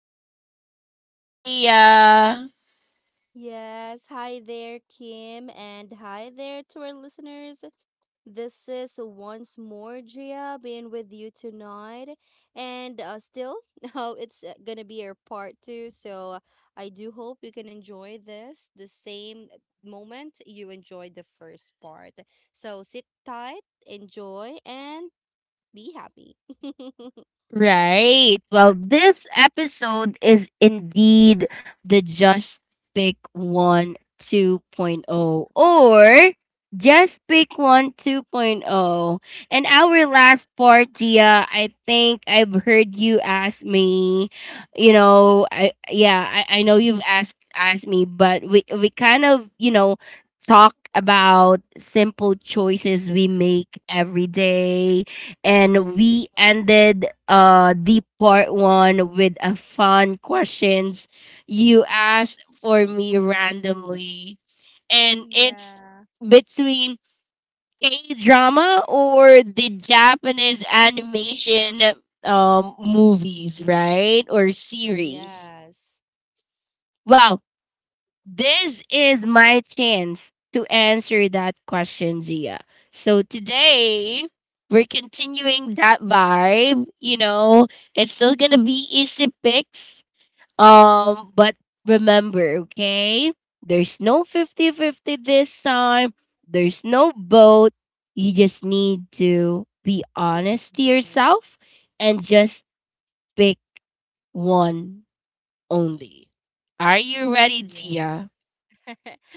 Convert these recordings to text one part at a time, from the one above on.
to our listeners, Gia. Yes, hi there, Kim, and hi there to our listeners. This is once more Gia being with you tonight, and still, oh, it's gonna be our part two. So I do hope you can enjoy this the same moment you enjoyed the first part. So sit tight, enjoy, and be happy. Right. Well, this episode is indeed the Just Pick One 2.0 or Just Pick One 2.0. And our last part, Gia, I think I've heard you ask me, I know you've asked me, but we kind of, talk about simple choices we make every day, and we ended the part one with a fun questions you asked for me randomly, and it's Yeah. between K drama or the Japanese animation movies, right? Or series. Yes. Wow, this is my chance to answer that question, Gia. So today, we're continuing that vibe. It's still gonna be easy picks. But remember, okay? There's no fifty-fifty this time. There's no vote. You just need to be Pick honest to one. yourself and just pick one only. Are you ready, Yeah. Gia?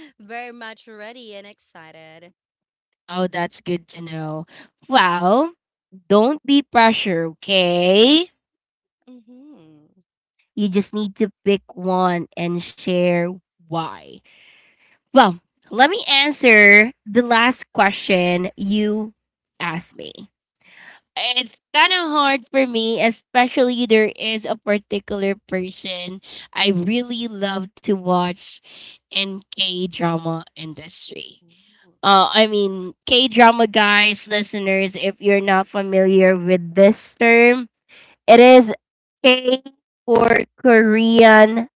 Very much ready and excited. Oh, that's good to know. Well, don't be pressure, okay? Mm-hmm. You just need to pick one and share why. Well, let me answer the last question you asked me. It's kind of hard for me, especially there is a particular person I really love to watch in K drama industry. I mean, K drama guys, listeners, if you're not familiar with this term, it is K for Korean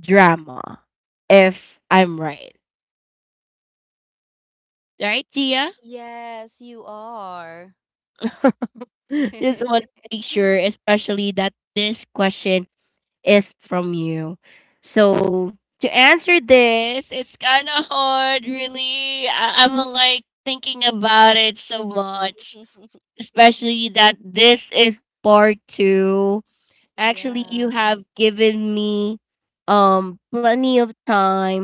drama, if I'm right. Right, Gia? Yes, you are. Just want to make sure, especially that this question is from you. So, to answer this, it's kind of hard, really. I'm like thinking about it so much, especially that this is part two. Actually, Yeah. you have given me plenty of time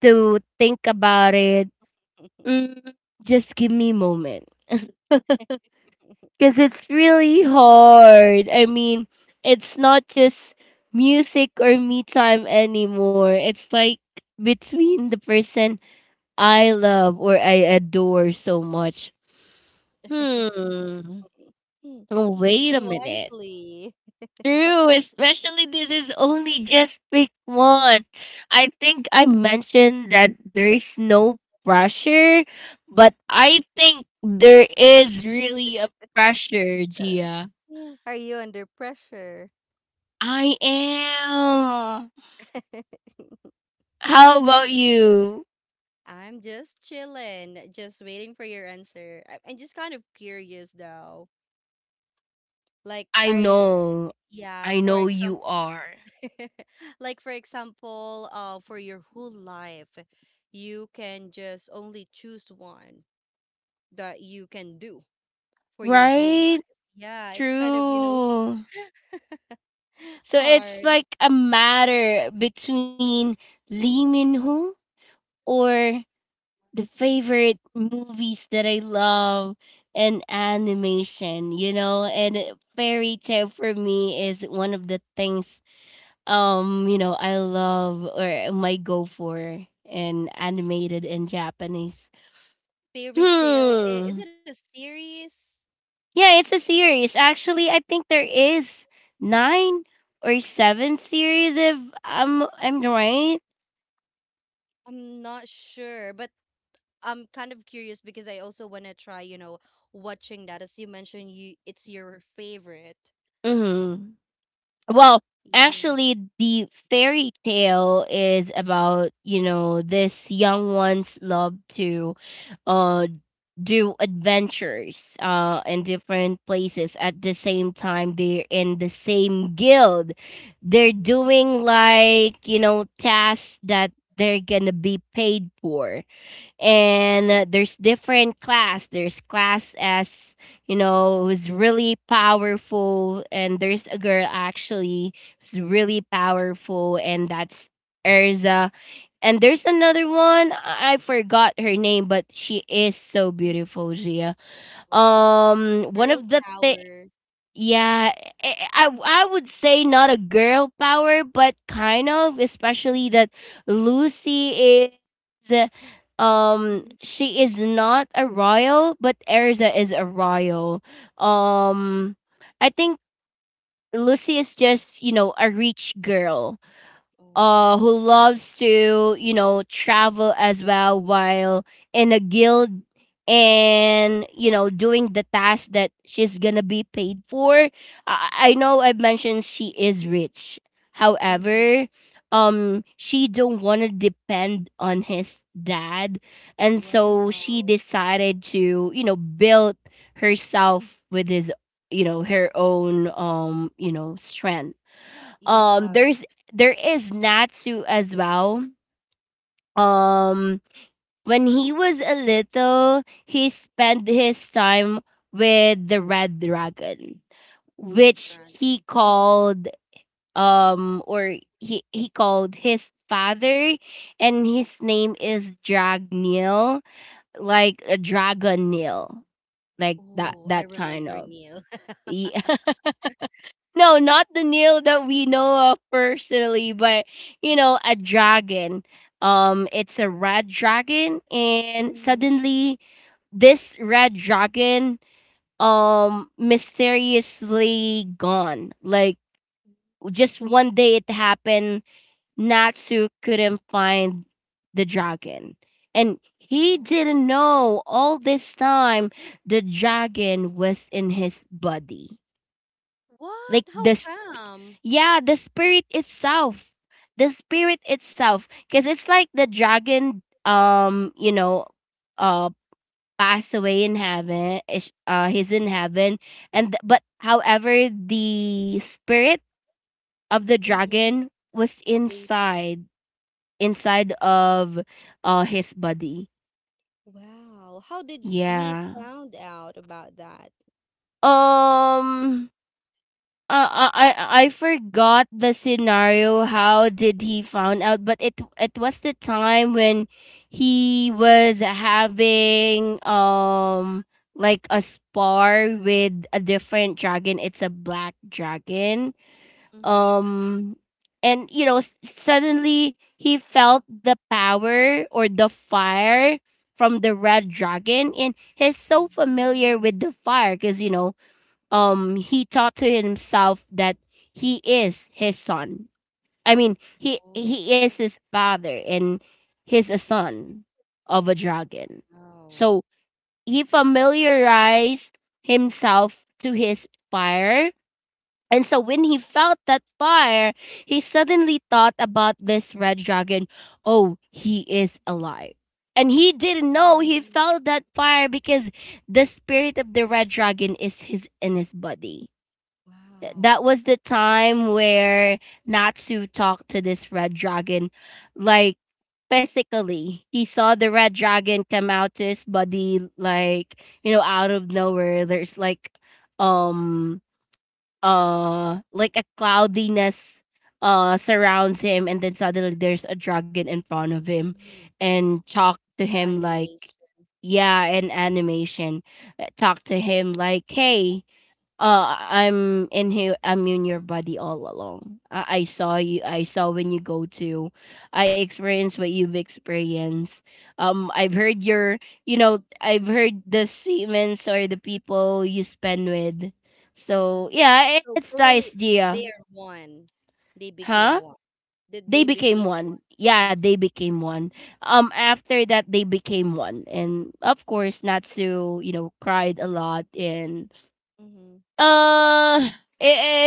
to think about it. Mm, just give me a moment, because it's really hard. I mean, it's not just music or me time anymore. It's like between the person I love or I adore so much. Hmm. Oh, Think wait a minute. wisely. True, especially this is only just pick one. I think I mentioned that there is no pressure, but I think there is really a pressure, Gia. Are you under pressure? I am. How about you? I'm just chilling, just waiting for your answer. I'm just kind of curious though. Like, I are you, know. yeah, I for know example, you are. like for example, for your whole life, you can just only choose one that you can do for your whole Right? life. Yeah, it's kind of, True. So it's hard. like a matter between Lee Min Ho or the favorite movies that I love and animation, and fairy tale for me is one of the things I love or might go for in animated in Japanese. Fairy tale, is Hmm. it a series? Yeah, it's a series. Actually, I think there is nine or seven series if I'm right. I'm not sure, but I'm kind of curious because I also want to try, watching that. As you mentioned, you it's your favorite. Mm-hmm. Well, Yeah. actually, the fairy tale is about this young one's love to, uh, do adventures, in different places at the same time. They're in the same guild. They're Mhm. doing like tasks that they're gonna be paid for, and there's different class there's class, as who's really powerful, and there's a girl actually who's really powerful, and that's Erza. And there's another one I forgot her name, but she is so beautiful, Gia, Wow. One Girl of the power. yeah, I, I I would say not a girl power, but kind of, especially that Lucy is, Mm-hmm. she is not a royal, but Erza is a royal. Um, I think Lucy is just a rich girl, who Oh. loves to travel as well while in a guild and doing the task that she's gonna be paid for. I know I mentioned she is rich, Mhm. however she don't want to depend on his dad, and so Wow. she decided to build herself with his you know her own strength. Yeah, There's there is Natsu as well. Um, when he was a little, he spent his time with the red dragon, Red which he Dragon. Mm-hmm. called, or he called his father, and his name is Dragneel, like a dragon Neil, like that Oh, I that kind remember of, Neil. yeah. No, not the Neil that we know of personally, but a dragon. It's a red dragon, and Mm-hmm. suddenly this red dragon mysteriously gone. Like just one day it happened, Natsu couldn't find the dragon. And he Oh. didn't know, all this time the dragon was in his body. Like What? How this. come? Yeah, the spirit itself. The spirit itself. Because it's like the dragon, uh, passed away in heaven. He's in heaven. And but however, the spirit of the Mm-hmm. dragon was Stays. inside, inside of his body. Wow. How did he Yeah. found out about that? Um Uh, uh, I I forgot the scenario. How did he found out? But it was the time when he was having like a spar with a different dragon. It's a black dragon. Mm-hmm. Um, and suddenly he felt the power or the fire from the red dragon, and he's so familiar Mm-hmm. with the fire because he thought to himself that he is his son. I mean, he Oh, he is his father, and he's a son of a dragon, wow. so he familiarized himself to his fire, and so when he felt that fire, he suddenly thought about this red dragon. Oh, he is alive. And he didn't know he Mm-hmm. felt that fire because the spirit of the red dragon is his in his body. That Wow. was the time where Natsu talked to this red dragon, like physically. He saw the red dragon come out to his body, like, out of nowhere. There's um, like, a cloudiness, surrounds him, and then suddenly there's a dragon in front of him, Mm-hmm. and talk to The him like, animation. yeah, an animation. Talk to him like, hey, I'm in here. I'm in your body all along. I saw you. I saw when you go to. I experienced what you've experienced. I've heard your. I've heard the statements or the people you spend with. Mm-hmm. So yeah, it, So it's nice, totally, they Gia. are one. They became Huh? one. That They they became became one. one. I Yeah, they became one. After that, they became one, and of course, Natsu, cried a lot, and Mm-hmm. uh,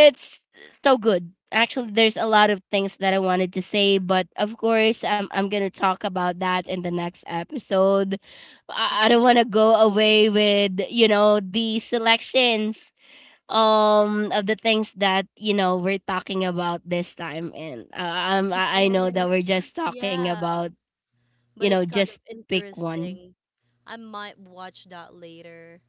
it's so good. Actually, there's a lot of things that I wanted to say, but of course, I'm gonna talk about that in the next episode. I don't want to go away with the selections of the things that we're talking about this time, and I know that we're just talking Yeah, about but it's kind just of pick one. interesting. I might watch that later.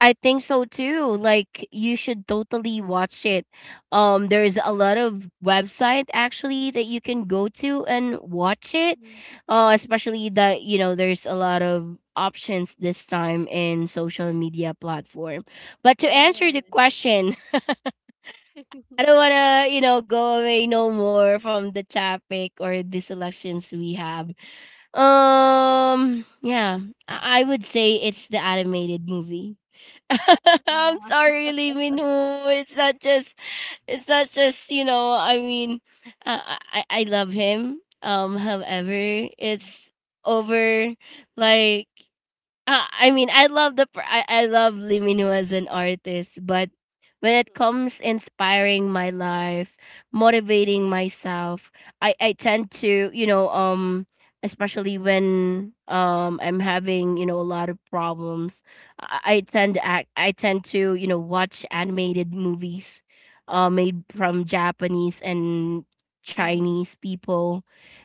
I think so too. Like you should totally watch it. There's a lot of website actually that you can go to and watch it. Hmm. Especially that there's a lot of options this time in social media platform. But to Yeah. answer the question, I don't want to, go away no more from the topic or the selections we have. Yeah, I would say it's the animated movie. I'm sorry, Lee Min Ho. It's not just, I mean, I love him. However, it's over, like I mean, I love the I love Limino as an artist, but when it comes inspiring my life, motivating myself, I tend to especially when I'm having a lot of problems, I tend to act I tend to you know watch animated movies, made from Japanese and Mm-hmm. Chinese people,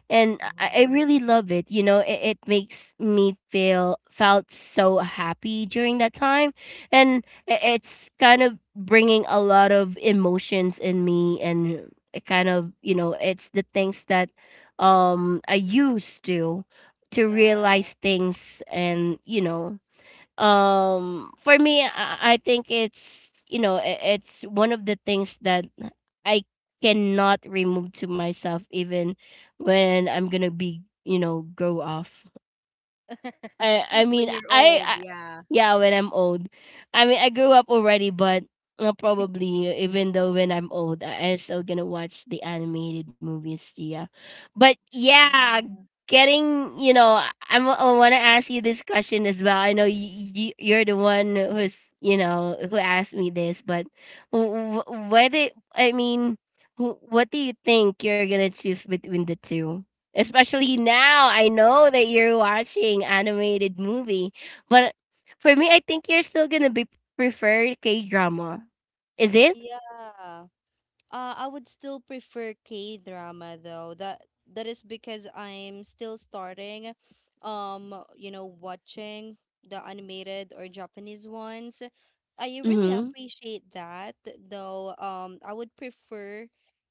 and I Oh. really love it. It, it makes me feel felt so happy during that time, and it's kind of bringing a lot of emotions in me, and it kind of, it's the things that I used to Yeah. realize things, and for me, I think it's it's one of the things that I cannot remove to myself, even when I'm gonna be grow off. I I mean When you're I, old, I yeah. yeah, when I'm old, I mean I grew up already, but probably even though when I'm old, I'm still gonna watch the animated movies. Yeah, but yeah, Yeah. getting you know I- I'm I want to ask you this question as well. I know you're the one who's who asked me this, but wh- wh- what it I mean, what do you think you're gonna choose between the two? Especially now I Mm. know that you're watching animated movie, but for me I think you're still gonna be prefer K drama, is it? Yeah. I would still prefer K drama though. That is because I'm still starting, watching the animated or Japanese ones. I really Mm-hmm. appreciate that though. I would prefer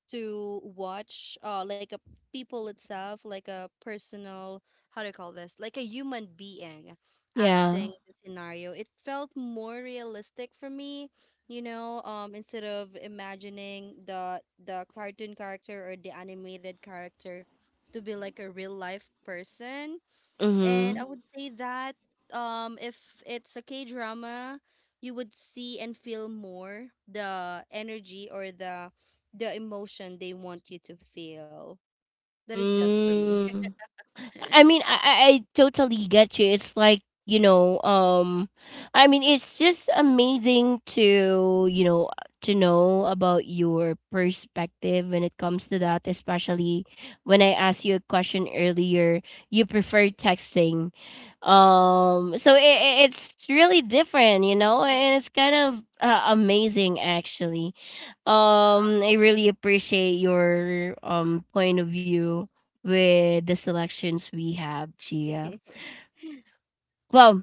to watch like a people itself, like a personal, how do you call this? Like a human being Yeah. acting the scenario. It felt more realistic for me instead of imagining the cartoon character or the animated character to be like a real life person, and I Mm-hmm. Would say that if it's a K drama, you would see and feel more the energy or the emotion they want you to feel. That is just for me. Mm. I mean, I totally get you. It's like, I mean, it's just amazing to know about your perspective when it comes to that, especially when I asked you a question earlier, you prefer texting. So, it's really different, and it's kind of amazing actually. I really appreciate your point of view with the selections we have, Gia. Yeah. Well,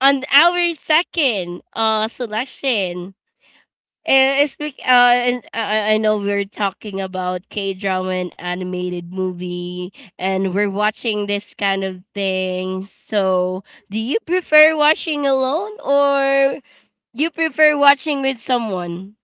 on our second selection, eh, it's bec- uh, and I know we're talking about K drama and animated movie, and we're watching this kind of thing. So, do you prefer watching alone or you prefer watching with someone?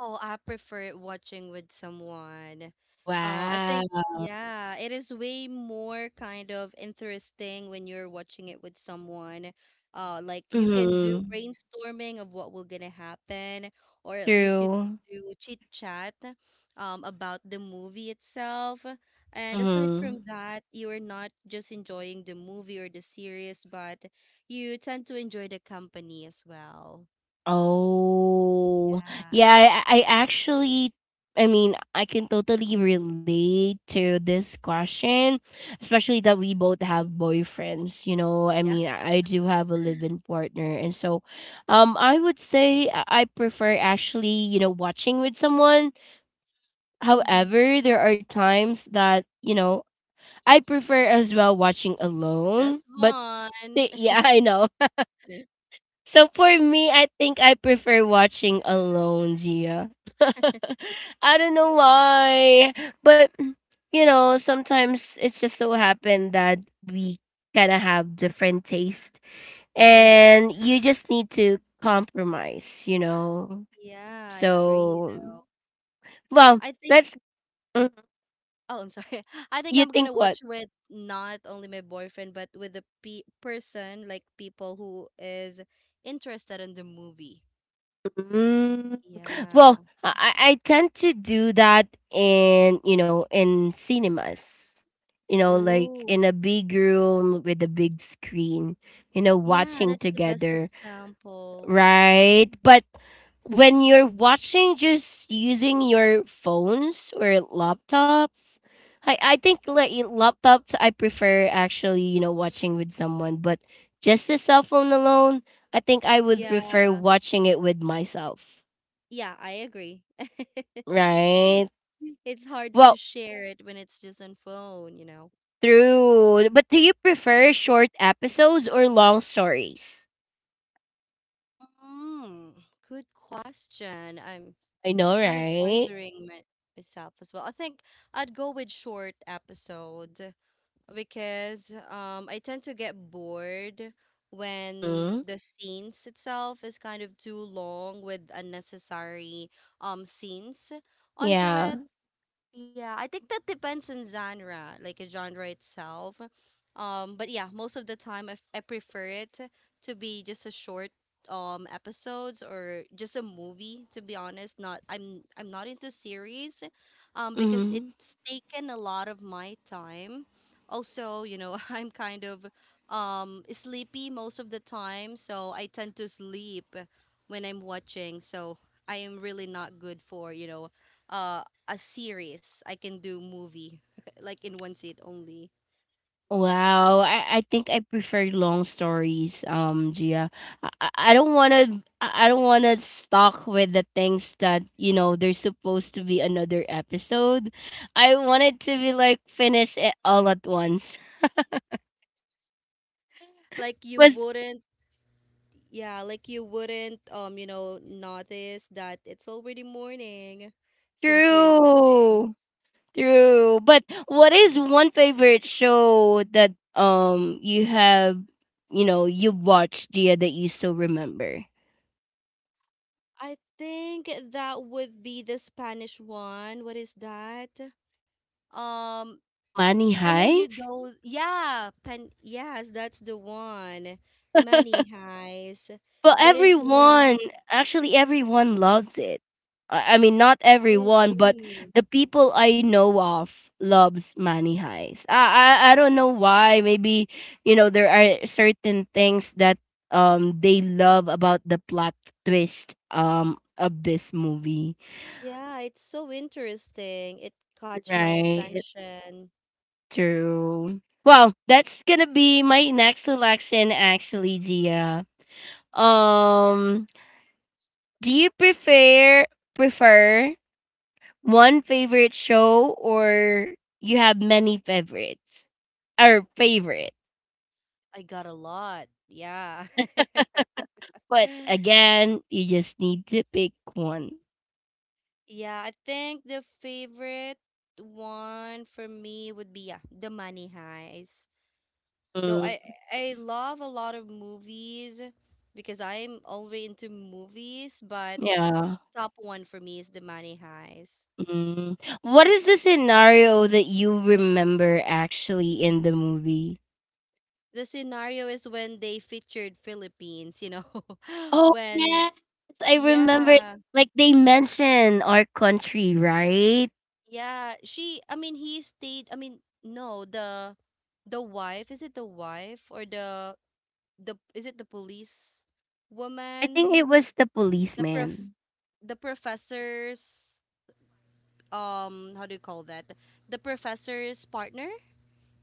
Oh, I prefer watching with someone. I think, Wow. yeah, it is way more kind of interesting when you're watching it with someone. Like you can do Mm-hmm. brainstorming of what will gonna happen, or at least you can True. do chit chat about the movie itself. And aside Mhm. from that, you are not just enjoying the movie or the series, but you tend to enjoy the company as well. Oh. Yeah, Yeah. I actually, I can totally relate to this question, especially that we both have boyfriends, you know. Yeah. I do have a live-in partner. And so, I would say I prefer actually, you know, watching with someone. Mhm. However, there are times that, you know, I prefer as well watching alone, Just but one. Yeah, I know. So for me, I think I prefer watching alone, Gia. I don't know why, but you know, sometimes it's just so happened that we kind of have different taste Oh, yeah. and you just need to compromise, you know. Yeah, I agree So, though. well, I think let's mm, oh, I'm sorry. I think you I'm think gonna what? watch with not only my boyfriend but with the pe person like people who is interested in the movie. Mm. Yeah. Well, I tend to do that in, you know, in cinemas, you know, like Oh, in a big room with a big screen, you know, yeah, watching that's the best together, example. right? But when you're watching just using your phones or laptops, I think like laptops I prefer actually, you know, watching with someone, but just the cell phone alone, I think I would prefer Yeah. watching it with myself, Yeah, I agree. right? It's hard to Well, share it, when it's just on phone, you know. true. But do you prefer short episodes or long stories? Mm, Good question. I'm I know, kind of right? wondering myself as well. I think I'd go with short episode because I tend to get bored when Mm-hmm. the scenes itself is kind of too long with unnecessary scenes on through Yeah. it. Yeah, I think that depends on genre, like a genre itself. But yeah, most of the time I prefer it to be just a short episodes or just a movie to be honest. Not I'm not into series because Mm-hmm. it's taken a lot of my time. Also, I'm kind of sleepy most of the time, so I tend to sleep when I'm watching. So I am really not good for, uh, a series. I can do movie like in one seat only. Wow. I think I prefer long stories, Gia. I don't wanna I don't wanna stuck with the things that, you know, there's supposed to be another episode. I want it to be like finish it all at once. Like you Was wouldn't yeah, like you wouldn't, notice that it's already morning since you're watching. true. True. But what is one favorite show that you have, you know, you watched, Gia, that you still remember? I think that would be the Spanish one. What is that? Um I, Money I know you Heist? don't, yeah, pen yes, that's the one. Money heist. Well, That is the one. everyone, actually, everyone loves it. I mean, not I everyone, but agree. the people I know of loves Money Heist. I don't know why. Maybe you know there are certain things that they love about the plot twist of this movie. Yeah, it's so interesting. It caught my Right. attention. True. Well, that's gonna be my next selection actually, Gia. Um do you prefer one favorite show or you have many favorites? Or favorite. I got a lot. Yeah. But again, you just need to pick one. Yeah, I think the favorite one for me would be yeah, The Money Heist. Though Mm, I love a lot of movies because I'm already into movies, but yeah. top one for me is The Money Heist. Mm. What is the scenario that you remember actually in the movie? The scenario is when they featured Philippines, Oh, when yes, I remember, yeah. like, they mentioned our country, right? Yeah, she, I mean, he stayed, I mean, no, the wife, is it the wife or the is it the police I woman? think it was the The prof policeman. the professor's how do you call that? The professor's partner,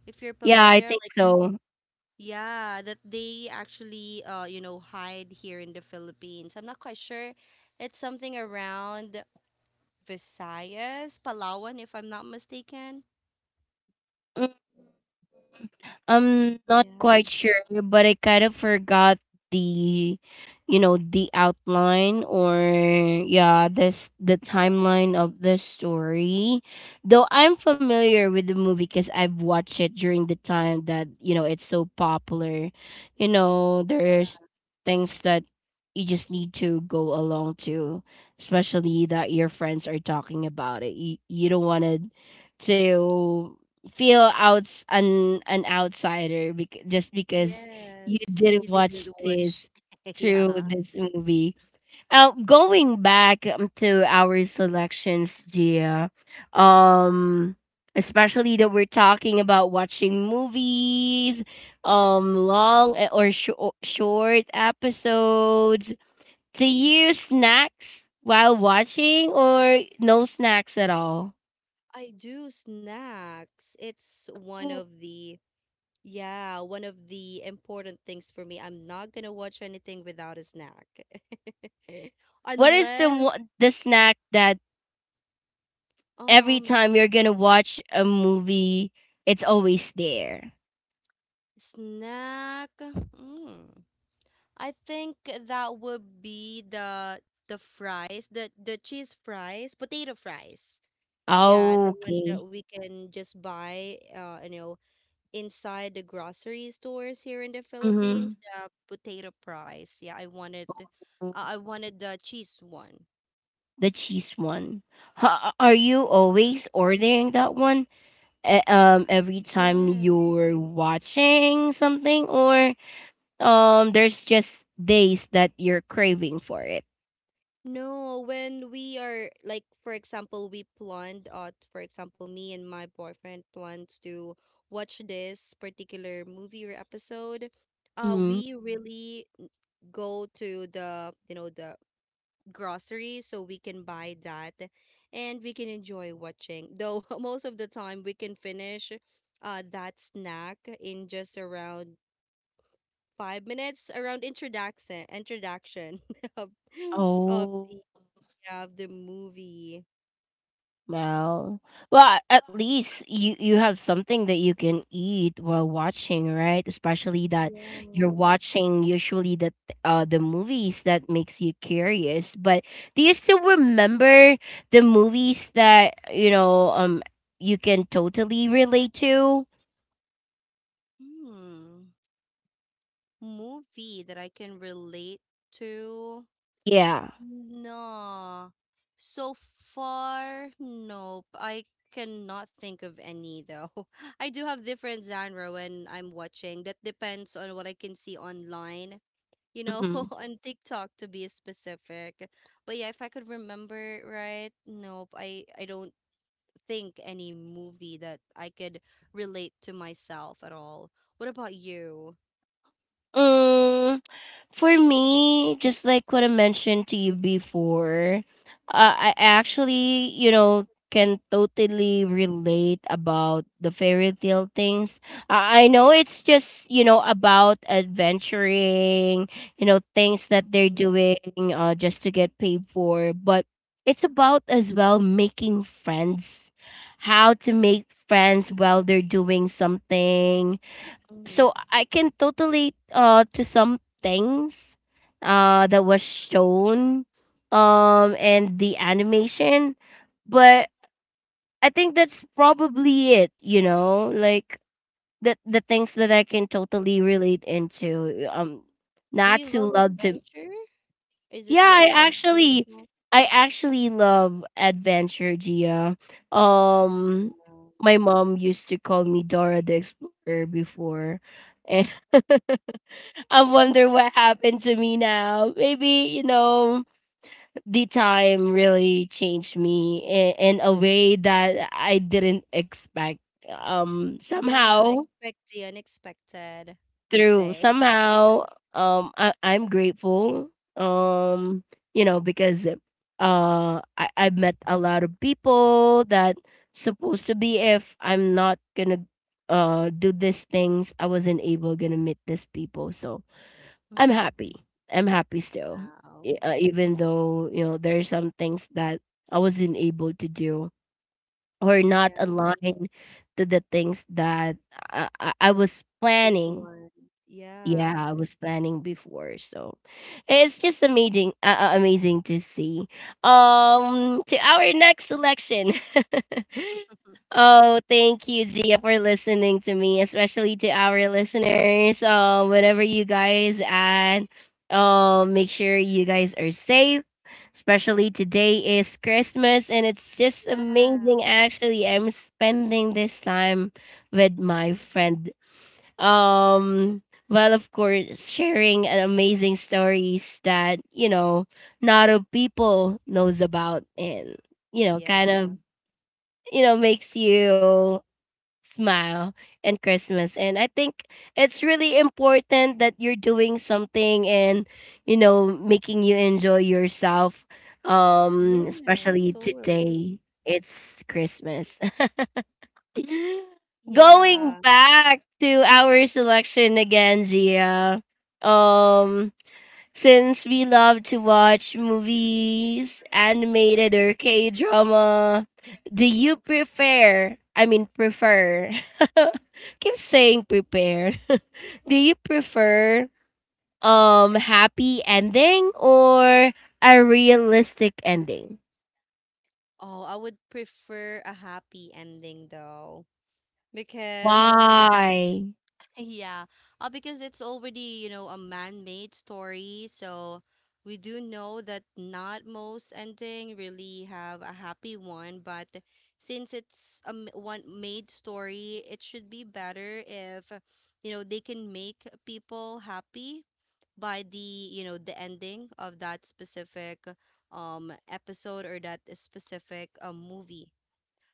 if you're Yeah, I familiar, think like so. yeah, that they actually hide here in the Philippines. I'm not quite sure. It's something around Visayas, Palawan, if I'm not mistaken. I'm not Yeah. quite sure, but I kind of forgot the, you know, the outline or yeah, this the timeline of the story. Though I'm familiar with the movie because I've watched it during the time that you know it's so popular. You know, there's things that you just need to go along to, especially that your friends are talking about it. You don't want to feel outs an outsider just because Yes, you you didn't watch didn't watch. this through Yeah. this movie. Going back to our selections, Gia, um, especially that we're talking about watching movies, long short episodes. Do you snacks while watching or no snacks at all? I do snacks. It's Ooh, yeah, one of the important things for me. I'm not gonna watch anything without a snack. what is Unless, the snack that every um, time you're gonna watch a movie, it's always there. snack. I think that would be the fries, the cheese fries, potato fries. Yeah, the one Okay. that we can just buy, inside the grocery stores here in the Mm-hmm. Philippines, the potato fries. Yeah, I wanted the cheese one. The cheese one. Are you always ordering that one? Every time Yes. you're watching something, or there's just days that you're craving for it. No, when we are like, for example, we planned, for example, me and my boyfriend plans to watch this particular movie or episode. Mm-hmm. We really go to the groceries so we can buy that and we can enjoy watching. Though most of the time we can finish that snack in just around 5 minutes around introduction of of Oh. the of the movie. Well, well, at least you you have something that you can eat while watching, right? Especially that you're Yeah. watching usually the movies that makes you curious. But do you still remember the movies that, you know, you can totally relate to? Hmm. Movie that I can relate to. Yeah. No. So far, nope. I cannot think of any though. I do have different genre when I'm watching. That depends on what I can see online, Mm-hmm. on TikTok to be specific. But yeah, if I could remember right, nope. I don't think any movie that I could relate to myself at all. What about you? Mm, for me, just like what I mentioned to you before, I actually, you know, can totally relate about the fairy tale things. I know it's just, you know, about adventuring, you know, things that they're doing, just to get paid for, but it's about as well making friends, how to make friends while they're doing something, Hmm. so I can totally to some things that was shown and the animation, but I think that's probably it, you know, like the things that I can totally relate into, Do you Natsu love loved to adventure? Is it the yeah, adventure itself? I actually love adventure, Gia. um my mom used to call me Dora the Explorer before and I wonder what happened to me now. Maybe, you know, the time really changed me in a way that I didn't expect. Yeah, Somehow, expect the unexpected, they through say. somehow, I, I'm grateful. Um, you know, because I met a lot of people that supposed to be if I'm not gonna do these things, I wasn't able gonna meet these people. So I'm Mm-hmm. happy. I'm happy still. Wow. Even though, you know, there are some things that I wasn't able to do or not Yeah, aligned to the things that I was you planning blonde. yeah, Yeah. I was planning before, so it's just amazing, amazing to see. To our next selection. Oh, thank you, Gia, for listening to me, especially to our listeners. Whenever you guys and make sure you guys are safe. Especially today is Christmas, and it's just Yeah. amazing. Actually, I'm spending this time with my friend, um, while of course sharing an amazing stories that, you know, not a people knows about and, you know, kind Yeah. of, you know, makes you smile and Christmas. And I think it's really important that you're doing something and, you know, making you enjoy yourself. Yes, Especially totally. today. It's Christmas. Going Yeah. back to our selection again, Gia. Um, since we love to watch movies, animated or K drama, do you Mhm. prefer? Prefer. Keep saying prepare. Do you prefer happy ending or a realistic ending? Oh, I would prefer a happy ending though, because Why? yeah, because it's already, a man-made story, so we do know that not most ending really have a happy one, but since it's a one made story, it should be better if, they can make people happy by the ending of that specific episode or that specific movie.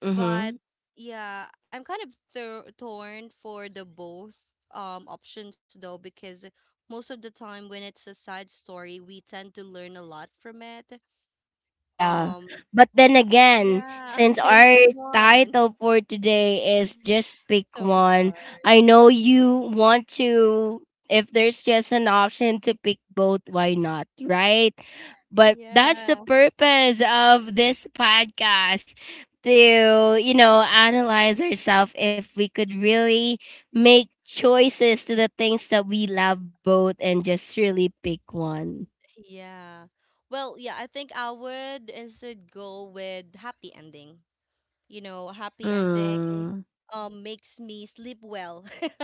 Mm-hmm. But yeah, I'm kind of torn for the both options though because most of the time when it's a sad story, we tend to learn a lot from it. Yeah. Um But then again, yeah, since it's our just one. title for today is just pick So one, hard. I know you want to, if there's just an option to pick both, why not? Right? But that's the Yeah. purpose of this podcast to, you know, analyze ourselves if we could really make choices to the things that we love both and just really pick one. Yeah. Well, yeah, I think I would instead go with happy ending. Happy ending Mm. Makes me sleep well.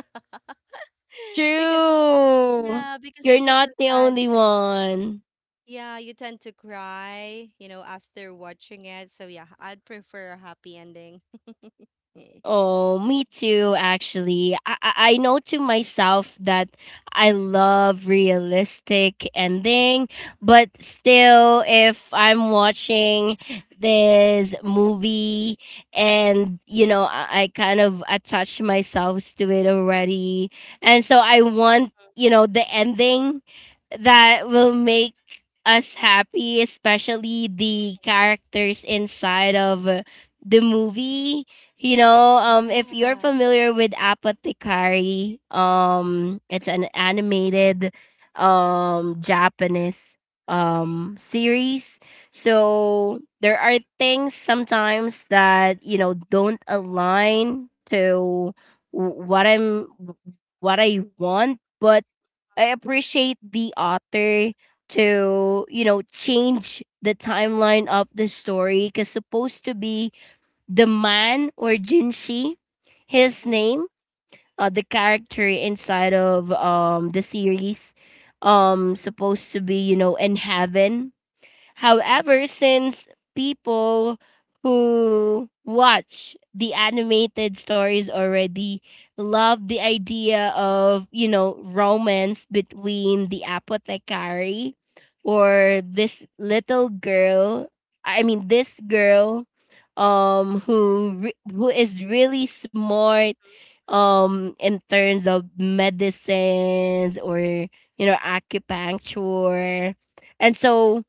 Because if True. yeah, because You're if it's not a the sad. only one. Yeah, you tend to cry, after watching it. So yeah, I'd prefer a happy ending. Oh, me too, actually. I know to myself that I love realistic ending, but still, if I'm watching Mm-hmm. this movie and, you know, I kind of attach myself to it already. And so I want, you know, the ending that will make us happy, especially the characters inside of the movie, you know, if you're Yeah. familiar with Apothecary, it's an animated, Japanese, series. So there are things sometimes that you know don't align to w- what I'm, what I want, but I appreciate the author to you know change the timeline of the story because supposed to be the man or Jinshi, his Mm-hmm. name, the character inside of the series, supposed to be you know in heaven. Mm-hmm. However, since people who watch the animated stories already love the idea of, you know, romance between the apothecary Mm-hmm. or this little girl, I mean this girl who is really smart in terms of medicines or you know acupuncture, and so,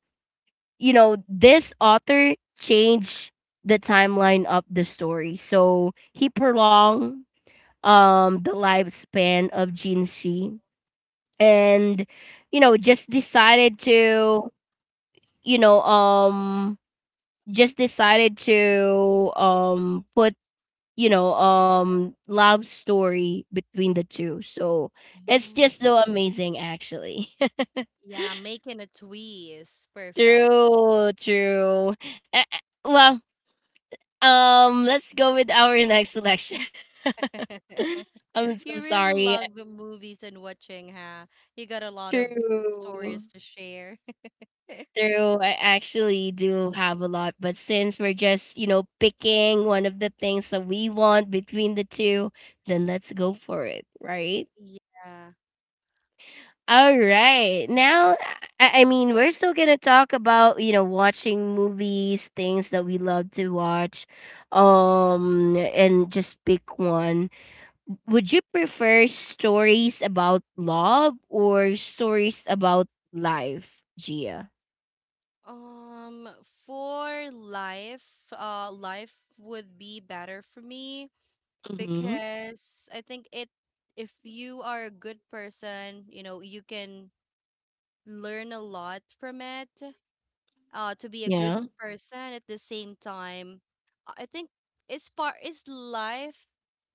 you know, this author changed the timeline of the story. So he prolonged the lifespan of Jinxi, and you know just decided to you know um just decided to put, you know, love story between the two. So it's Oh. just so amazing actually. Yeah, making a twist. Perfect. True, true. Eh, eh, Well, let's go with our next selection. I'm so You really sorry. love the movies and watching, huh? You got a lot of True. stories to share. True. I actually do have a lot, but since we're just, you know, picking one of the things that we want between the two, then let's go for it, right? Yeah. All right. Now, I mean, we're still going to talk about, you know, watching movies, things that we love to watch, and just pick one. Would you prefer stories about love or stories about life, Gia? Um, for life, life would be better for me Mm-hmm. because I think it if you are a good person, you can learn a lot from it. To be a good Yeah. person at the same time, I think it's part is life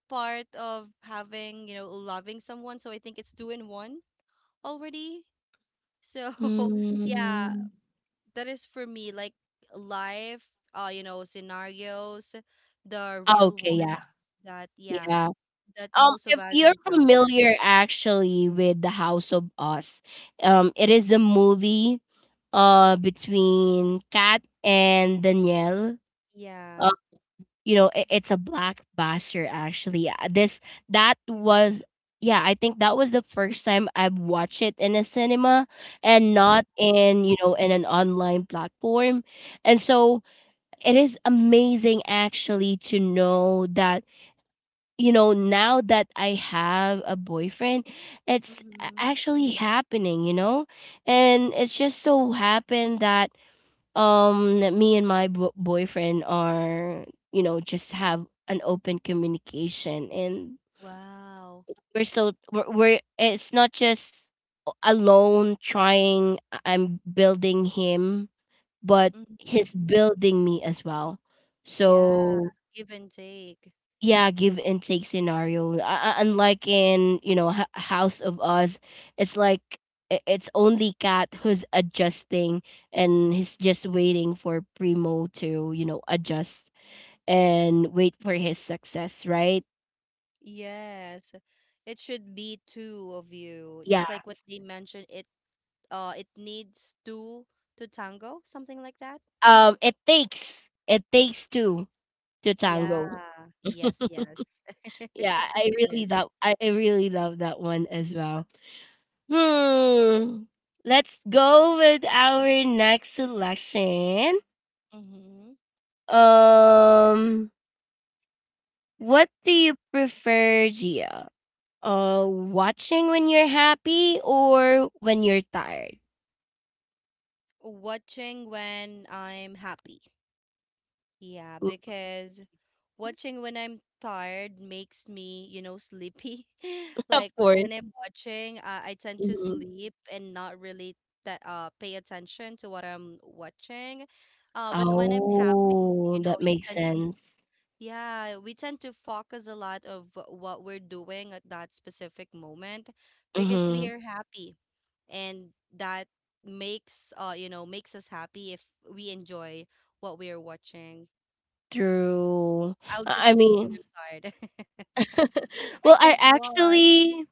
part of having loving someone. So I think it's two in one already. So yeah, Mm. that is for me like life. Scenarios, the real Okay, yeah. ones that yeah Yeah. that most of If us you're encounter. familiar actually with The House of Us, it is a movie between Kat and Danielle. Yeah. You know, it's a blockbuster actually. This that was Yeah, I think that was the first time I've watched it in a cinema and Wow. not in, you know, in an online platform. And so it is amazing actually to know that, you know, now that I have a boyfriend, it's Mm-hmm. actually happening, and it's just so happened that me and my boyfriend are, just have an open communication. And Wow. we're it's not just alone trying. I'm building him, but Mm. he's building me as well. Yeah, So give and take. yeah, give and take scenario. Unlike in, you know, House of Us, it's like it's only Cat who's adjusting and he's just waiting for Primo to, you know, adjust and wait for his success, right? Yes. It should be two of you. Just Yeah. like what they mentioned, it needs two to tango, something like that. It takes two to Yeah. tango. Yes, yes. Yeah, I Yeah. really love I really love that one as well. Hmm. Let's go with our next selection. Mm-hmm. Um, what do you prefer, Gia? Watching when you're happy or when you're tired? Watching when I'm happy. Yeah, Mm. because watching when I'm tired makes me, sleepy. Of Like course. when I'm watching, I tend to Hmm. sleep and not really that pay attention to what I'm watching. But when I'm happy, you Oh, know, that you makes tend to sense. yeah, we tend to focus a lot of what we're doing at that specific moment because we Mm-hmm. are happy, and that makes you know makes us happy if we enjoy what we are watching. True. I'll just I sleep when mean, I'm tired. I well, can't watch.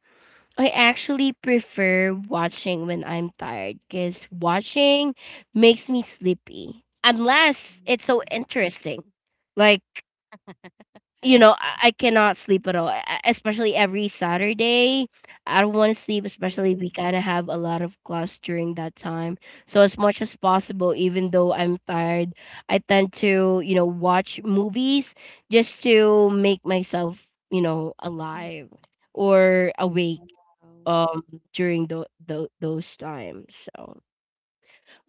I actually prefer watching when I'm tired because watching makes me sleepy. Unless it's so Mhm. interesting, like. you know, I cannot sleep at all, especially every Saturday. I don't want to sleep, Mhm. especially we kind of have a lot of class during that time. So, as much as possible, even though I'm tired, I tend to, you know, watch movies just to make myself, you know, Mhm. alive or awake Wow. um during those times. So,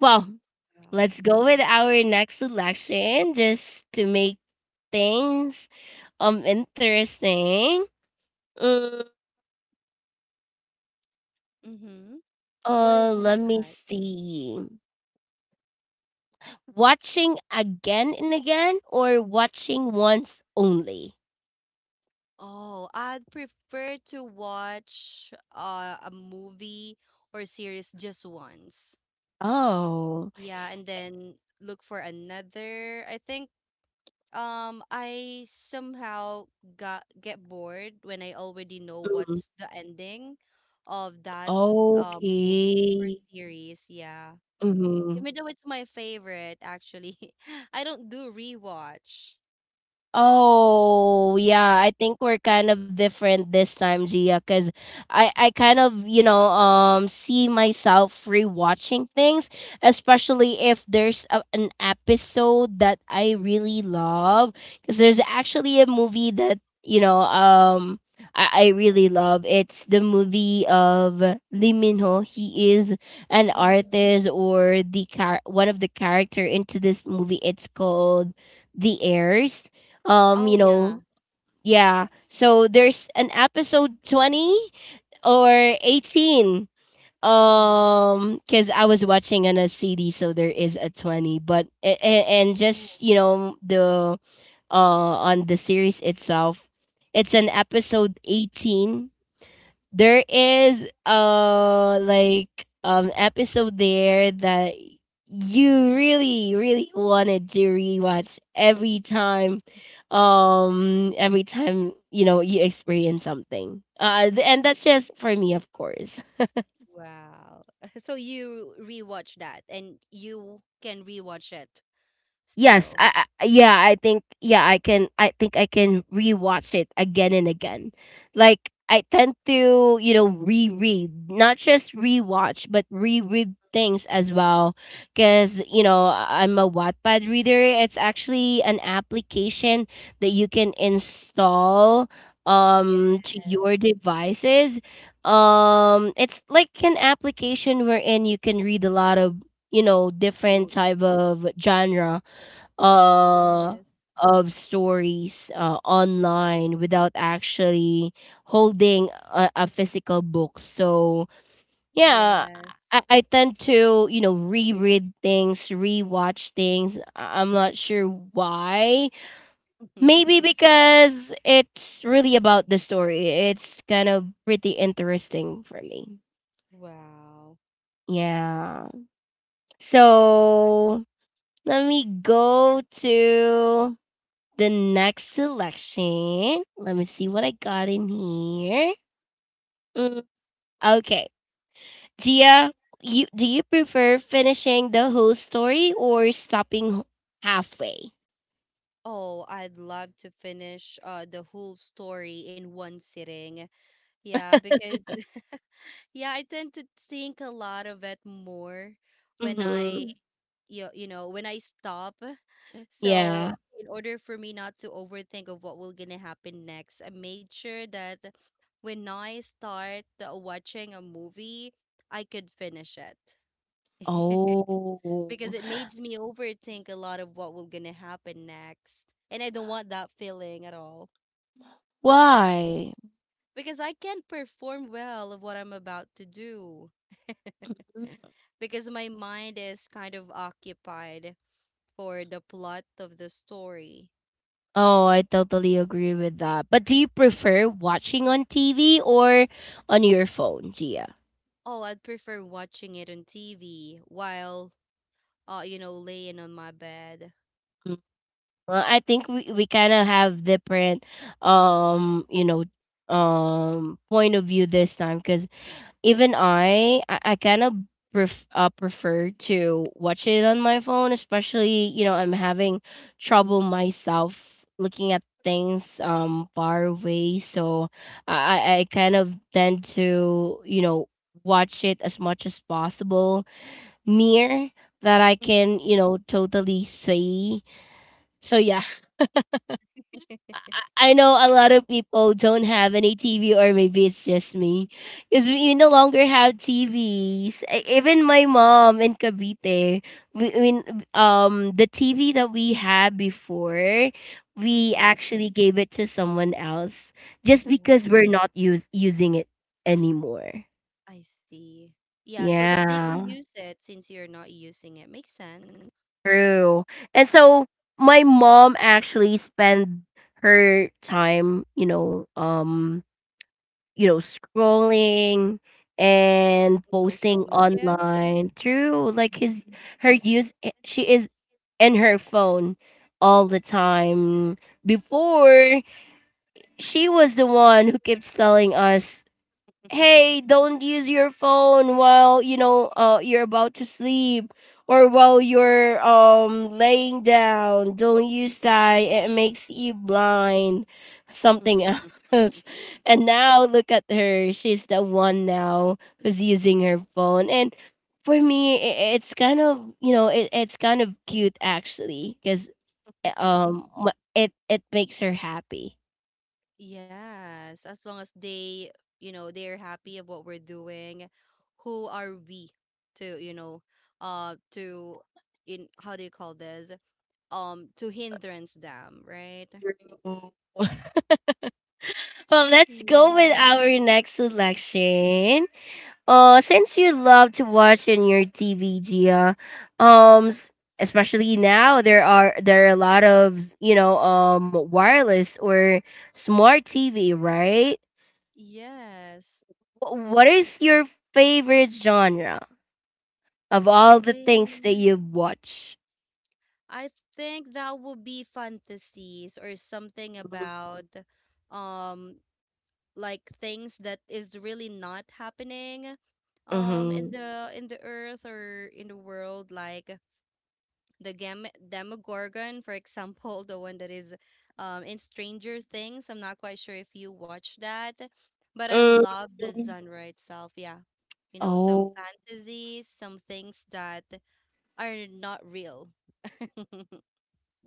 well, Wow. let's go with our next selection just to make things interesting. Mm, Mm-hmm. What is let me that? see. Watching again and again or watching once only? Oh, I'd prefer to watch a movie or series just once. Oh. Yeah, and then look for another. I think I somehow got get bored when I already know Mm, what's the ending of that movie or okay. series. Yeah. Mhm. Even though it's my favorite, actually, I don't do rewatch. Oh, yeah. I think we're kind of different this time, Gia, because I kind of, you know, see myself rewatching things, especially if there's an episode that I really love. Because there's actually a movie that, you know, I really love. It's the movie of Lee Min Ho. He is an Hmm. artist or the one of the character into this movie. It's called The Heirs. Oh, You yeah. know, yeah, so there's an episode 20 or 18. Mm-hmm. Because I was watching on a CD, so there is a 20, but and Oh, just, you know, the on the series itself it's an episode 18. There is like episode there that you really really wanted to rewatch every time, every time, you know, you experience something. And that's just for me, of course. wow. So you rewatch that and you can rewatch it Yes, still? I yeah, I think yeah, I think I can rewatch it again and again. Like I tend to, you know, reread, not just rewatch, but reread things as well, cuz you know, I'm a Wattpad reader. It's actually an application that you can install Yes. To your devices. Um, it's like an application wherein you can read a lot of, you know, different Good. type of genre uh Yes. of stories online without actually holding a physical book. So yeah, Yes. I tend to, you know, reread things, rewatch things. I'm not sure why. Maybe because it's really about the story. It's kind of pretty interesting for me. Wow. Yeah. So let me go to the next selection. Let me see what I got in here. Mm, okay, Gia, you prefer finishing the whole story or stopping halfway? Oh, I'd love to finish the whole story in one sitting. Yeah, because yeah, I tend to think a lot of it more when I, Mm-hmm. You know, when I stop. So Yeah. in order for me not to overthink of what will gonna happen next, I made sure that when I start watching a movie, I could finish it. Because Oh, it makes me overthink a lot of what will gonna happen next. And I don't want that feeling at all. why? Because I can't perform well of what I'm about to do. Mm. Because my mind is kind of occupied for the plot of the story. Oh, I totally agree with that. But do you prefer watching on TV or on your phone, Gia? Oh, I'd prefer watching it on TV while, you know, laying on my bed. Well, I think we kind of have different, you know, point of view this time, because even I kind of prefer to watch it on my phone, especially, you know, I'm having trouble myself looking at things far away. So I kind of tend to, you know, watch it as much as possible near that I Mm-hmm. can, you know, totally see. So yeah. I I- know a lot of people don't have any TV, or maybe it's just me, because we no longer have TVs. Even my mom in Cavite, we the TV that we had before, we Mm-hmm. actually gave it to someone else just Oh, because we're not use using it anymore. I see. Yeah, so that they can Yeah, use it since you're not using it. Makes sense. true. And so my mom actually spent her time, you know, scrolling and In social posting media. online through like his her she is in her phone all the time. Before, she was the one who keeps telling us, hey, don't use your phone while, you know, you're about to sleep or while you're laying down. Don't use that, it makes you blind, something else. And now look at her, she's the one now who's using her phone. And for me, it's kind of, you know, it's kind of cute actually, because it makes her happy. Yes, as long as they, you know, they're happy of what we're doing. Who are we to, you know, to in how do you call this? To hindrance them, right? True. Well, let's go with Yeah. our next selection. Since you love to watch in your TV, Gia, um, s- especially now there are a lot of, you know, wireless or smart TV, right? Yes. What is your favorite genre of all the things Man, that you watch? I think that would be fantasies or something about um like things that is really not happening Mm-hmm. in the earth or in the world like the Gam- Demogorgon, for example, the one that is in Stranger Things. I'm not quite sure if you watch that, but I Mm. love the genre itself. Yeah. You know, some Oh. fantasies, some things that are not real.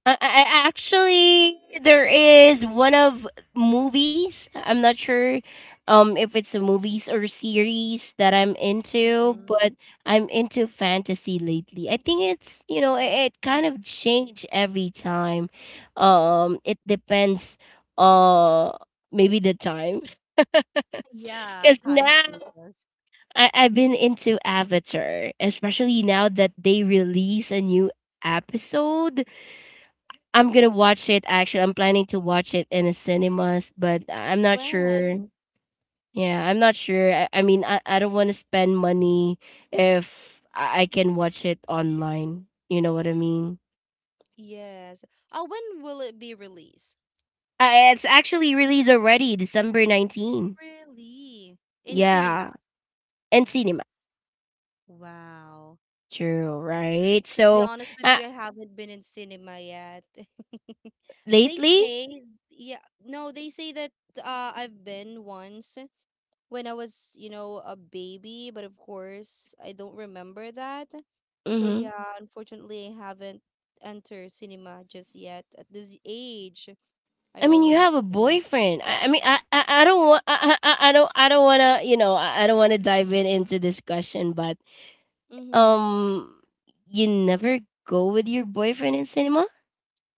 Actually, there is one of movies. I'm not sure if it's a movies or series that I'm into, Mhm. but I'm into fantasy lately. I think it's, you know, it kind of change every time. It depends. Uh, maybe the time. Yeah, Because time now changes. I I've been into Avatar, especially now that they release a new episode. I'm gonna watch it actually. I'm planning to watch it in the cinemas, but I'm not When? sure. Yeah, I'm not sure. I mean, I don't want to spend money if I can watch it online. You know what I mean? Yes. Oh, when will it be released? It's actually released already, December 19th. Really? In cinema. Yeah, and cinema. Wow. True, right? To be So, honest with uh, you, I haven't been in cinema yet. They lately, say, yeah, no, they say that I've been once when I was, you know, a baby, but of course, I don't remember that. So mm-hmm. yeah, unfortunately, I haven't entered cinema just yet. At this age, I I'm mean, you already have a 20. boyfriend. I mean, I don't want to, you know, I don't want to dive in into discussion, but Mm-hmm. um, you never go with your boyfriend in cinema?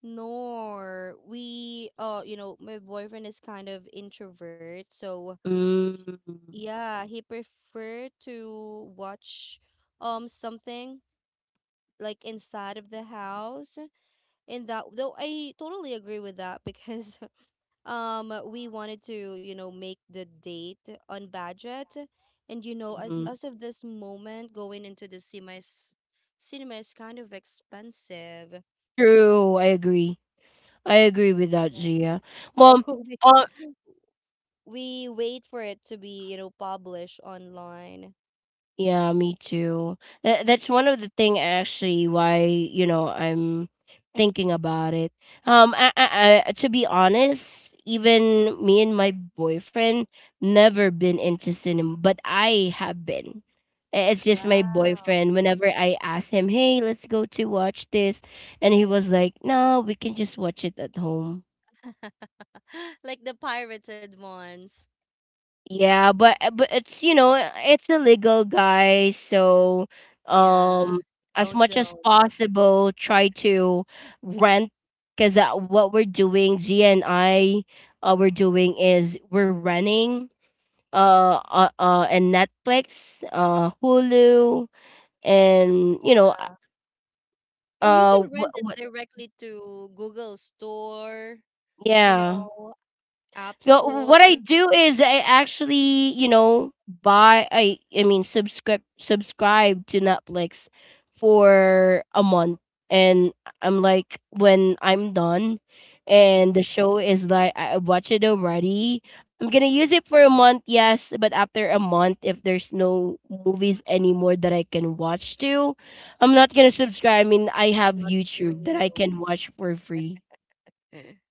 Nor we, you know, my boyfriend is kind of introvert, so Mm. yeah, he prefer to watch something like inside of the house. And that though I totally agree with that because we wanted to, you know, make the date on budget. And you know, as Mhm. Of this moment, going into the cinema is kind of expensive. True, I agree. I agree with that, Gia. So Well, we uh, we wait for it to be, you know, published online. yeah, me too. That's one of the thing actually why, you know, I'm thinking about it. I, to be honest, even me and my boyfriend never been into cinema, but I have been. It's just my Wow. boyfriend. Whenever I ask him, "Hey, let's go to watch this," and he was like, "No, we can just watch it at home." like the pirated ones. Yeah, but it's, you know, it's illegal, guys. So, um, Yeah, as much as don't. possible, try to rent. Because what we're doing, Gia and I, we're doing is we're renting and Netflix, Hulu, and you know Yeah. Or you can rent it what directly to Google Store, you yeah. know, App Go, what I Store. do is I actually, you know, buy I mean subscribe to Netflix for a month. And I'm like, when I'm done Mm-hmm. and the show is like I watch it already, I'm gonna use Mm-hmm. it for a month, yes. But after a month, if there's no movies anymore that I can watch to, I'm not gonna subscribe. I mean, I have You're not gonna YouTube that I renew. can watch for free.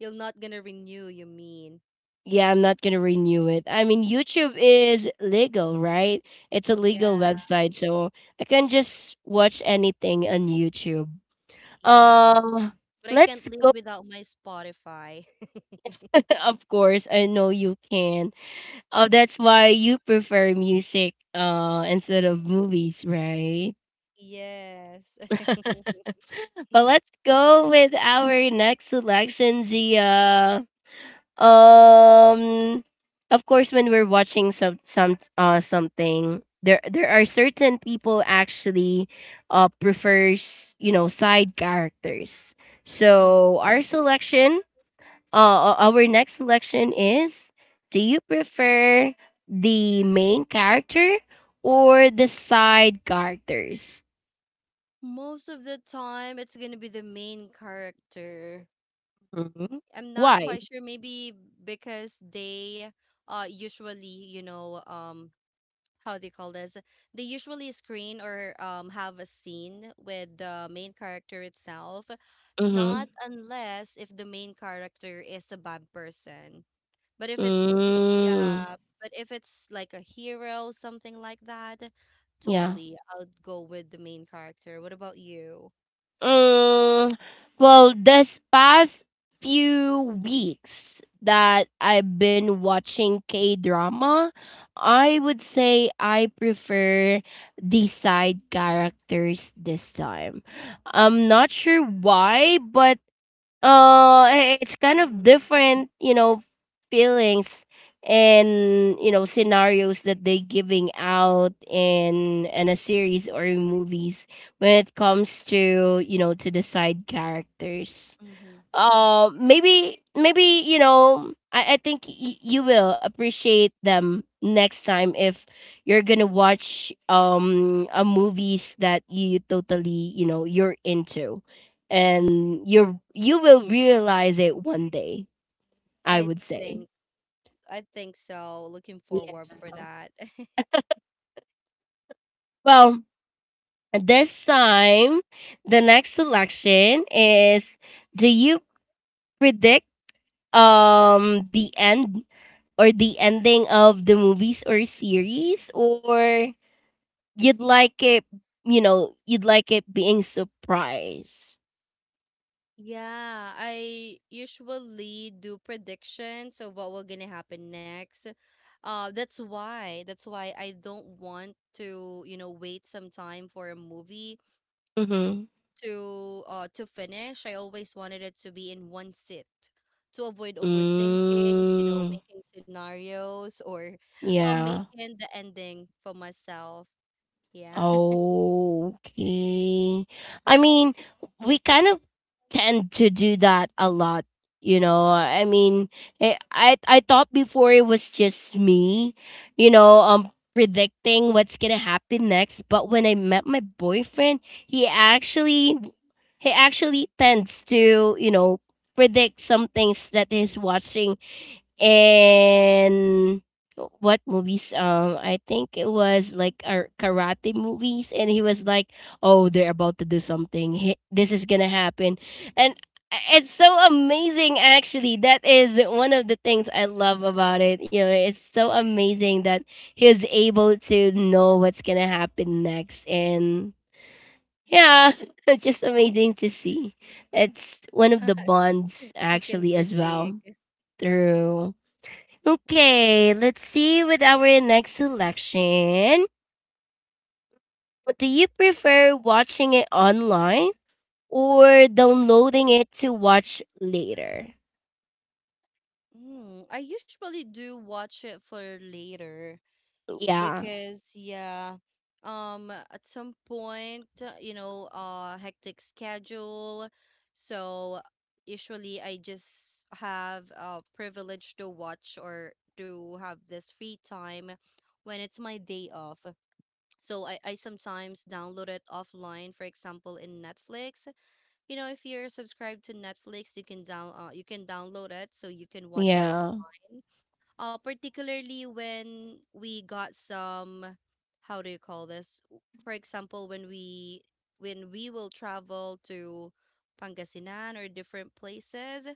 You're not gonna renew, you mean? Yeah, I'm not gonna renew it. I mean, YouTube is legal, right? It's a Yeah, legal website, so I can just watch anything on YouTube. yeah. Um, But I can't let's live go. without my Spotify. Of course, I know you can. Oh, that's why you prefer music instead of movies, right? Yes. But let's go with our next selection, Gia. Um, of course, when we're watching something, there are certain people actually prefers, you know, side characters. Mm-hmm. So our selection, our next selection is: do you prefer the main character or the side characters? Most of the time, it's gonna be the main character. Hmm. I'm not Why? quite sure. Maybe because they usually, you know, how they call this? They usually screen or have a scene with the main character itself, Mm-hmm. not unless if the main character is a bad person. But if it's Mm, yeah, but if it's like a hero, something like that, yeah. totally I'll go with the main character. What about you? Mm, well, this past few weeks that I've been watching K drama, I would say I prefer the side characters this time. I'm not sure why, but it's kind of Mm-hmm. different, you know, feelings and, you know, scenarios that they giving out in a series or in movies when it comes to, you know, to the side characters. Mm-hmm. Maybe, you know, I think you will appreciate them next time if you're gonna watch a movies that you totally, you know, you're into, and you will realize it one day, I I would say. think. I think so. Looking forward Yeah. for that. Well, this time the next selection is: do you predict the end or the ending of the movies or series, or you'd like it, you know, you'd like it being surprise? Yeah, I usually do predictions of what will gonna happen next. That's why I don't want to, you know, wait some time for a movie Mm-hmm. to finish. I always wanted it to be in one sit to avoid overthinkings, you know, Mm, making scenarios or yeah. making the ending for myself. Yeah. Okay. I mean, we kind of tend to do that a lot, you know. I mean, I thought before it was just me, you know, predicting what's going to happen next. But when I met my boyfriend, he actually he actually tends to, you know, predict some things that he's watching and what movies. I think it was like our karate movies, and he was like, oh, they're about to do something. This is gonna happen. And it's so amazing, actually. That is one of the things I love about it, you know. It's so amazing that he was able to know what's gonna happen next. And yeah, it's just amazing to see. It's one of the bonds, He can actually, as predict. well through. Okay, let's see with our next selection. Do you prefer watching it online or downloading it to watch later? Mm, I usually do watch it for later Yeah. because yeah, at some point, you know, hectic schedule. So usually I just have privilege to watch or to have this free time when it's my day off. So I sometimes download it offline, for example, in Netflix. You know, if you're subscribed to Netflix, you can down you can download it so you can watch it Yeah. offline particularly when we got some, how do you call this? W- For example, when we will travel to Pangasinan or different places,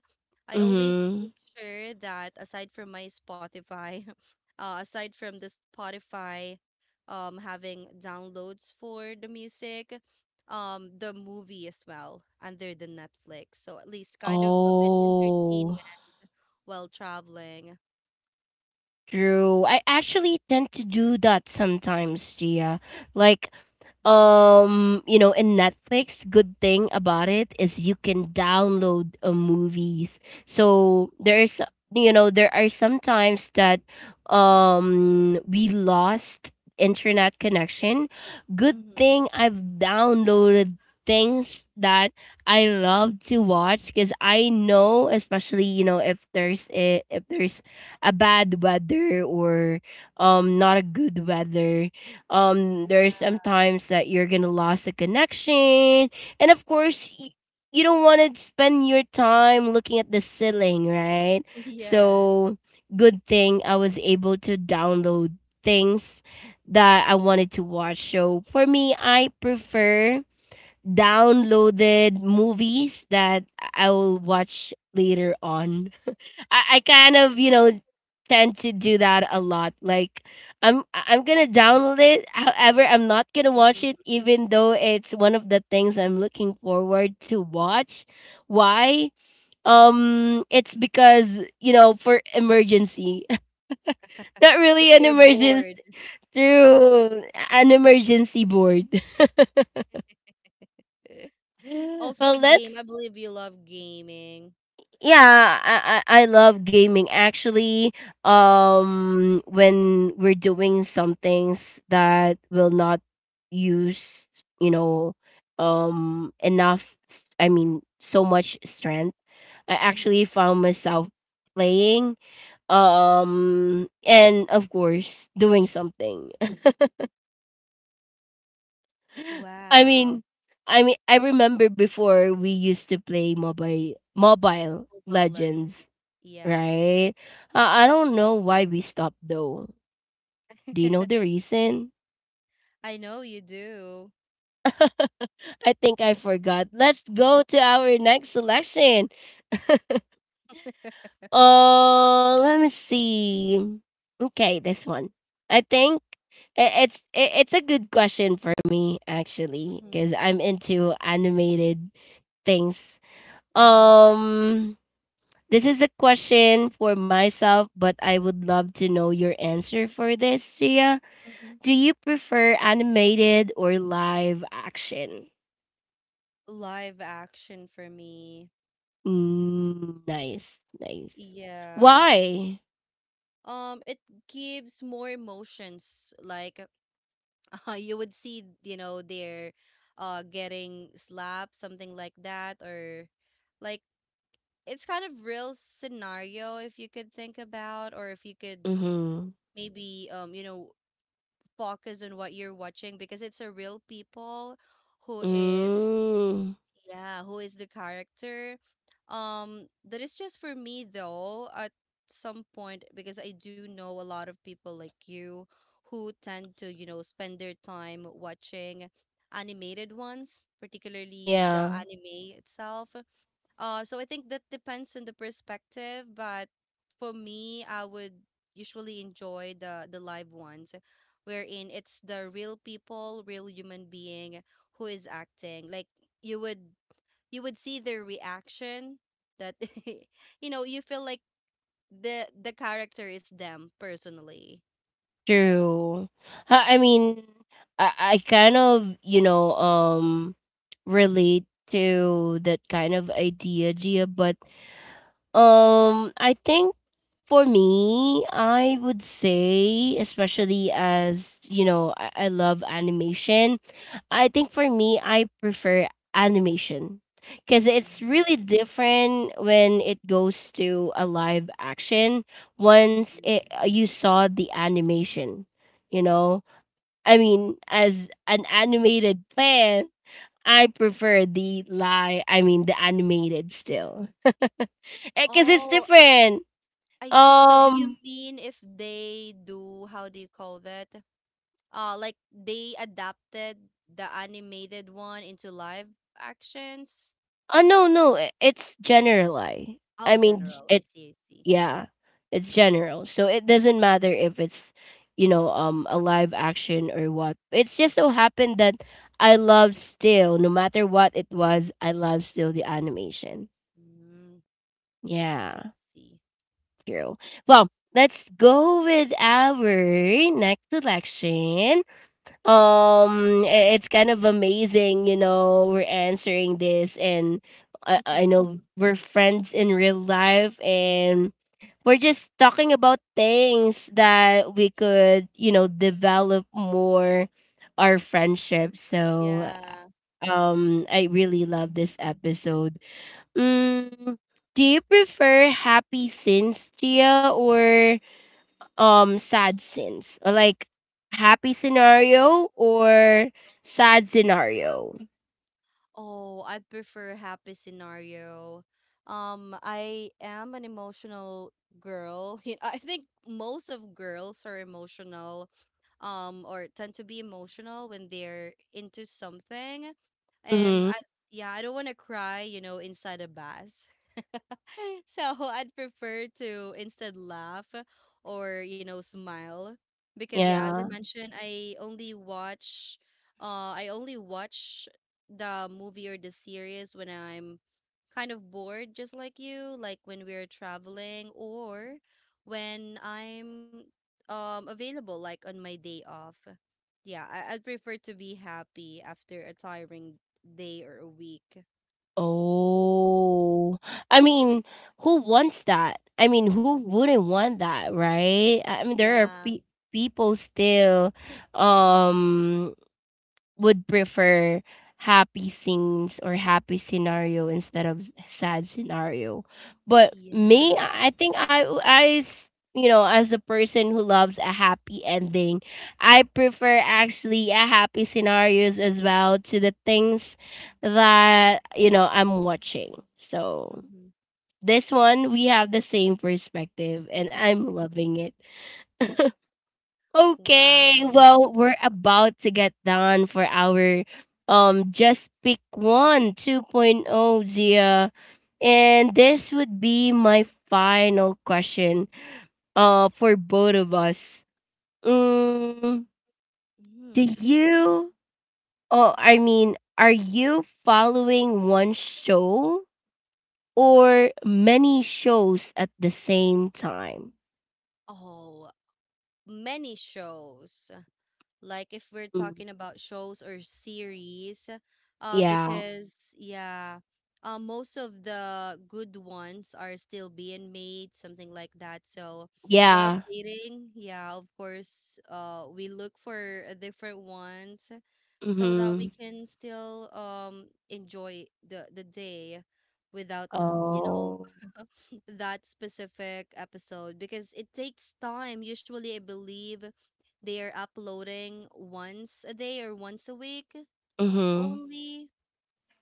I always Mhm. make sure that aside from my Spotify, aside from the Spotify, having downloads for the music, the movie as well under the Netflix. So at least kind of a bit Oh. entertainment while traveling. True. I actually tend to do that sometimes, Gia. Like, Mm, you know, in Netflix, good thing about it is you can download movies. So there's, you know, there are some times that, we lost internet connection. Good mhm. thing I've downloaded things that I love to watch, because I know, especially, you know, if there's a bad weather, or not a good weather, there's Yeah. sometimes that you're gonna lose a connection. And of course, you don't want to spend your time looking at the ceiling, right? Yes. So good thing I was able to download things that I wanted to watch. So for me, I prefer downloaded movies that I will watch later on. I kind of, you know, tend to do that a lot. Like, I'm gonna download it. However, I'm not gonna watch it, even though it's one of the things I'm looking forward to watch. Why? It's because, you know, for emergency, not If really an you're emergency bored. through an emergency board. Also Well, a let's. game. I believe you love gaming. Yeah, I love gaming. Actually, when we're doing some things that will not use, you know, enough. I mean, so much strength. I actually Hmm. found myself playing, and of course, doing something. I Wow. mean, I mean, I remember before we used to play mobile Mobile Legends. legends, Yeah. right? I don't know why we stopped though. Do you know the reason? I know you do. I think I forgot. Let's go to our next selection. Oh, let me see. Okay, this one. I think it's a good question for me, actually, Hmm. because I'm into animated things. Hmm. Um This is a question for myself, but I would love to know your answer for this, Gia. Hmm. Do you prefer animated or live action? Live action for me. Mm, nice, nice. Yeah. Why? It gives more emotions like you would see you know they're getting slapped something like that or like it's kind of real scenario if you could think about or if you could Mm-hmm. maybe you know focus on what you're watching because it's a real people who is Mm, yeah who is the character that is just for me though at some point because I do know a lot of people like you who tend to you know spend their time watching animated ones, particularly the yeah, anime itself. So I think that depends on the perspective, but for me I would usually enjoy the live ones wherein it's the real people, real human being who is acting like you would, you would see their reaction that you know you feel like the character is them personally. true. I mean, I kind of, you know, relate to that kind of idea, Gia, Mhm, but I think for me, I would say, especially as you know, I love animation. I think for me, I prefer animation, because it's mhm. really different when it goes to a live action. Once Mhm. it, you saw the animation, you know, I mean, as an animated fan. I mean, the animated still. Cause it's Oh, different. I see. So Um you mean if they do, how do you call that? Like they adapted the animated one into live actions? oh, no, no, it's generalized. I Oh, mean j- general. I it see, I see. yeah, it's general. So it doesn't matter if it's, you know, a live action or what. It's just so happened that I love still no matter what it was, I love still the animation. Mm, I Yeah, see. true. Well, let's go with our next selection. It's kind of amazing, you know, we're answering this. And I know we're friends in real life, and we're just talking about things that we could, you know, develop more our friendship. So, Yeah. I really love this episode. Mm, do you prefer happy scenes, Tia, or sad scenes, or like happy scenario or sad scenario? Oh, I prefer happy scenario. I am an emotional girl. You know, I think most of girls are emotional or tend to be emotional when they're into something. Um Mm-hmm. I, yeah, I don't want to cry, you know, inside a bath. So I'd prefer to instead laugh or, you know, smile because yeah, as I Yeah. mentioned, I only watch uh I only watch the movie or the series when I'm kind of bored just like you, like when we're traveling or when I'm available like on my day off. Yeah, I'd prefer to be happy after a tiring day or a week. Oh, I mean, who wants that? I mean, who wouldn't want that, right? I mean, there are Yeah. People still um would prefer happy scenes or happy scenario instead of sad scenario. But me, Yeah. I think I s- you know, as a person who loves a happy ending, I prefer actually a happy scenarios as well to the things that, you know, I'm watching. So Mm-hmm. this one, we have the same perspective and I'm loving it. Okay, Wow. well, we're about to get done for our Just Pick One 2.0, Zia. And this would be my final question for both of us. Mm, do Mhm. you oh, I mean, are you following one show or many shows at the same time? Oh, many shows. Like if we're Mm, talking about shows or series, yeah. because yeah, most of the good ones are still being made, something like that, so while Yeah. waiting, yeah, of course, we look for a different ones so that we Mhm. can still enjoy the day without you know Oh. that specific episode because it takes time, usually I believe they're uploading once a day or once a week Mhm. only.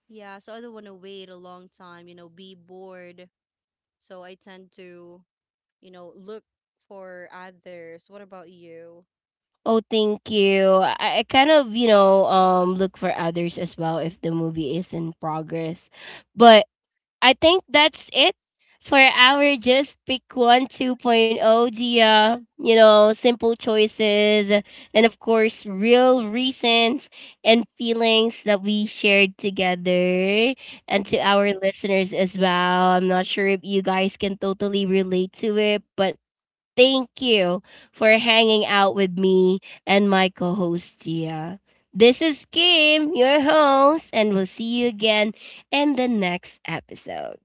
Yeah, so I don't want to wait a long time, you know, be bored. So I tend to, you know, look for others. What about you? Oh, thank you. I kind of, you know, look for others as well if the movie is in progress. But I think that's it for our Just Pick One 2.0, Gia. You know, simple choices, and of course, real reasons and feelings that we shared together and to Yeah. our listeners as well. I'm not sure if you guys can totally relate to it, but thank you for hanging out with me and my co host, Gia. This is Kim, your host, and we'll see you again in the next episode.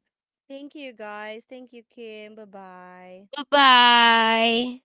Thank you guys. Thank you, Kim. Bye bye. Bye bye.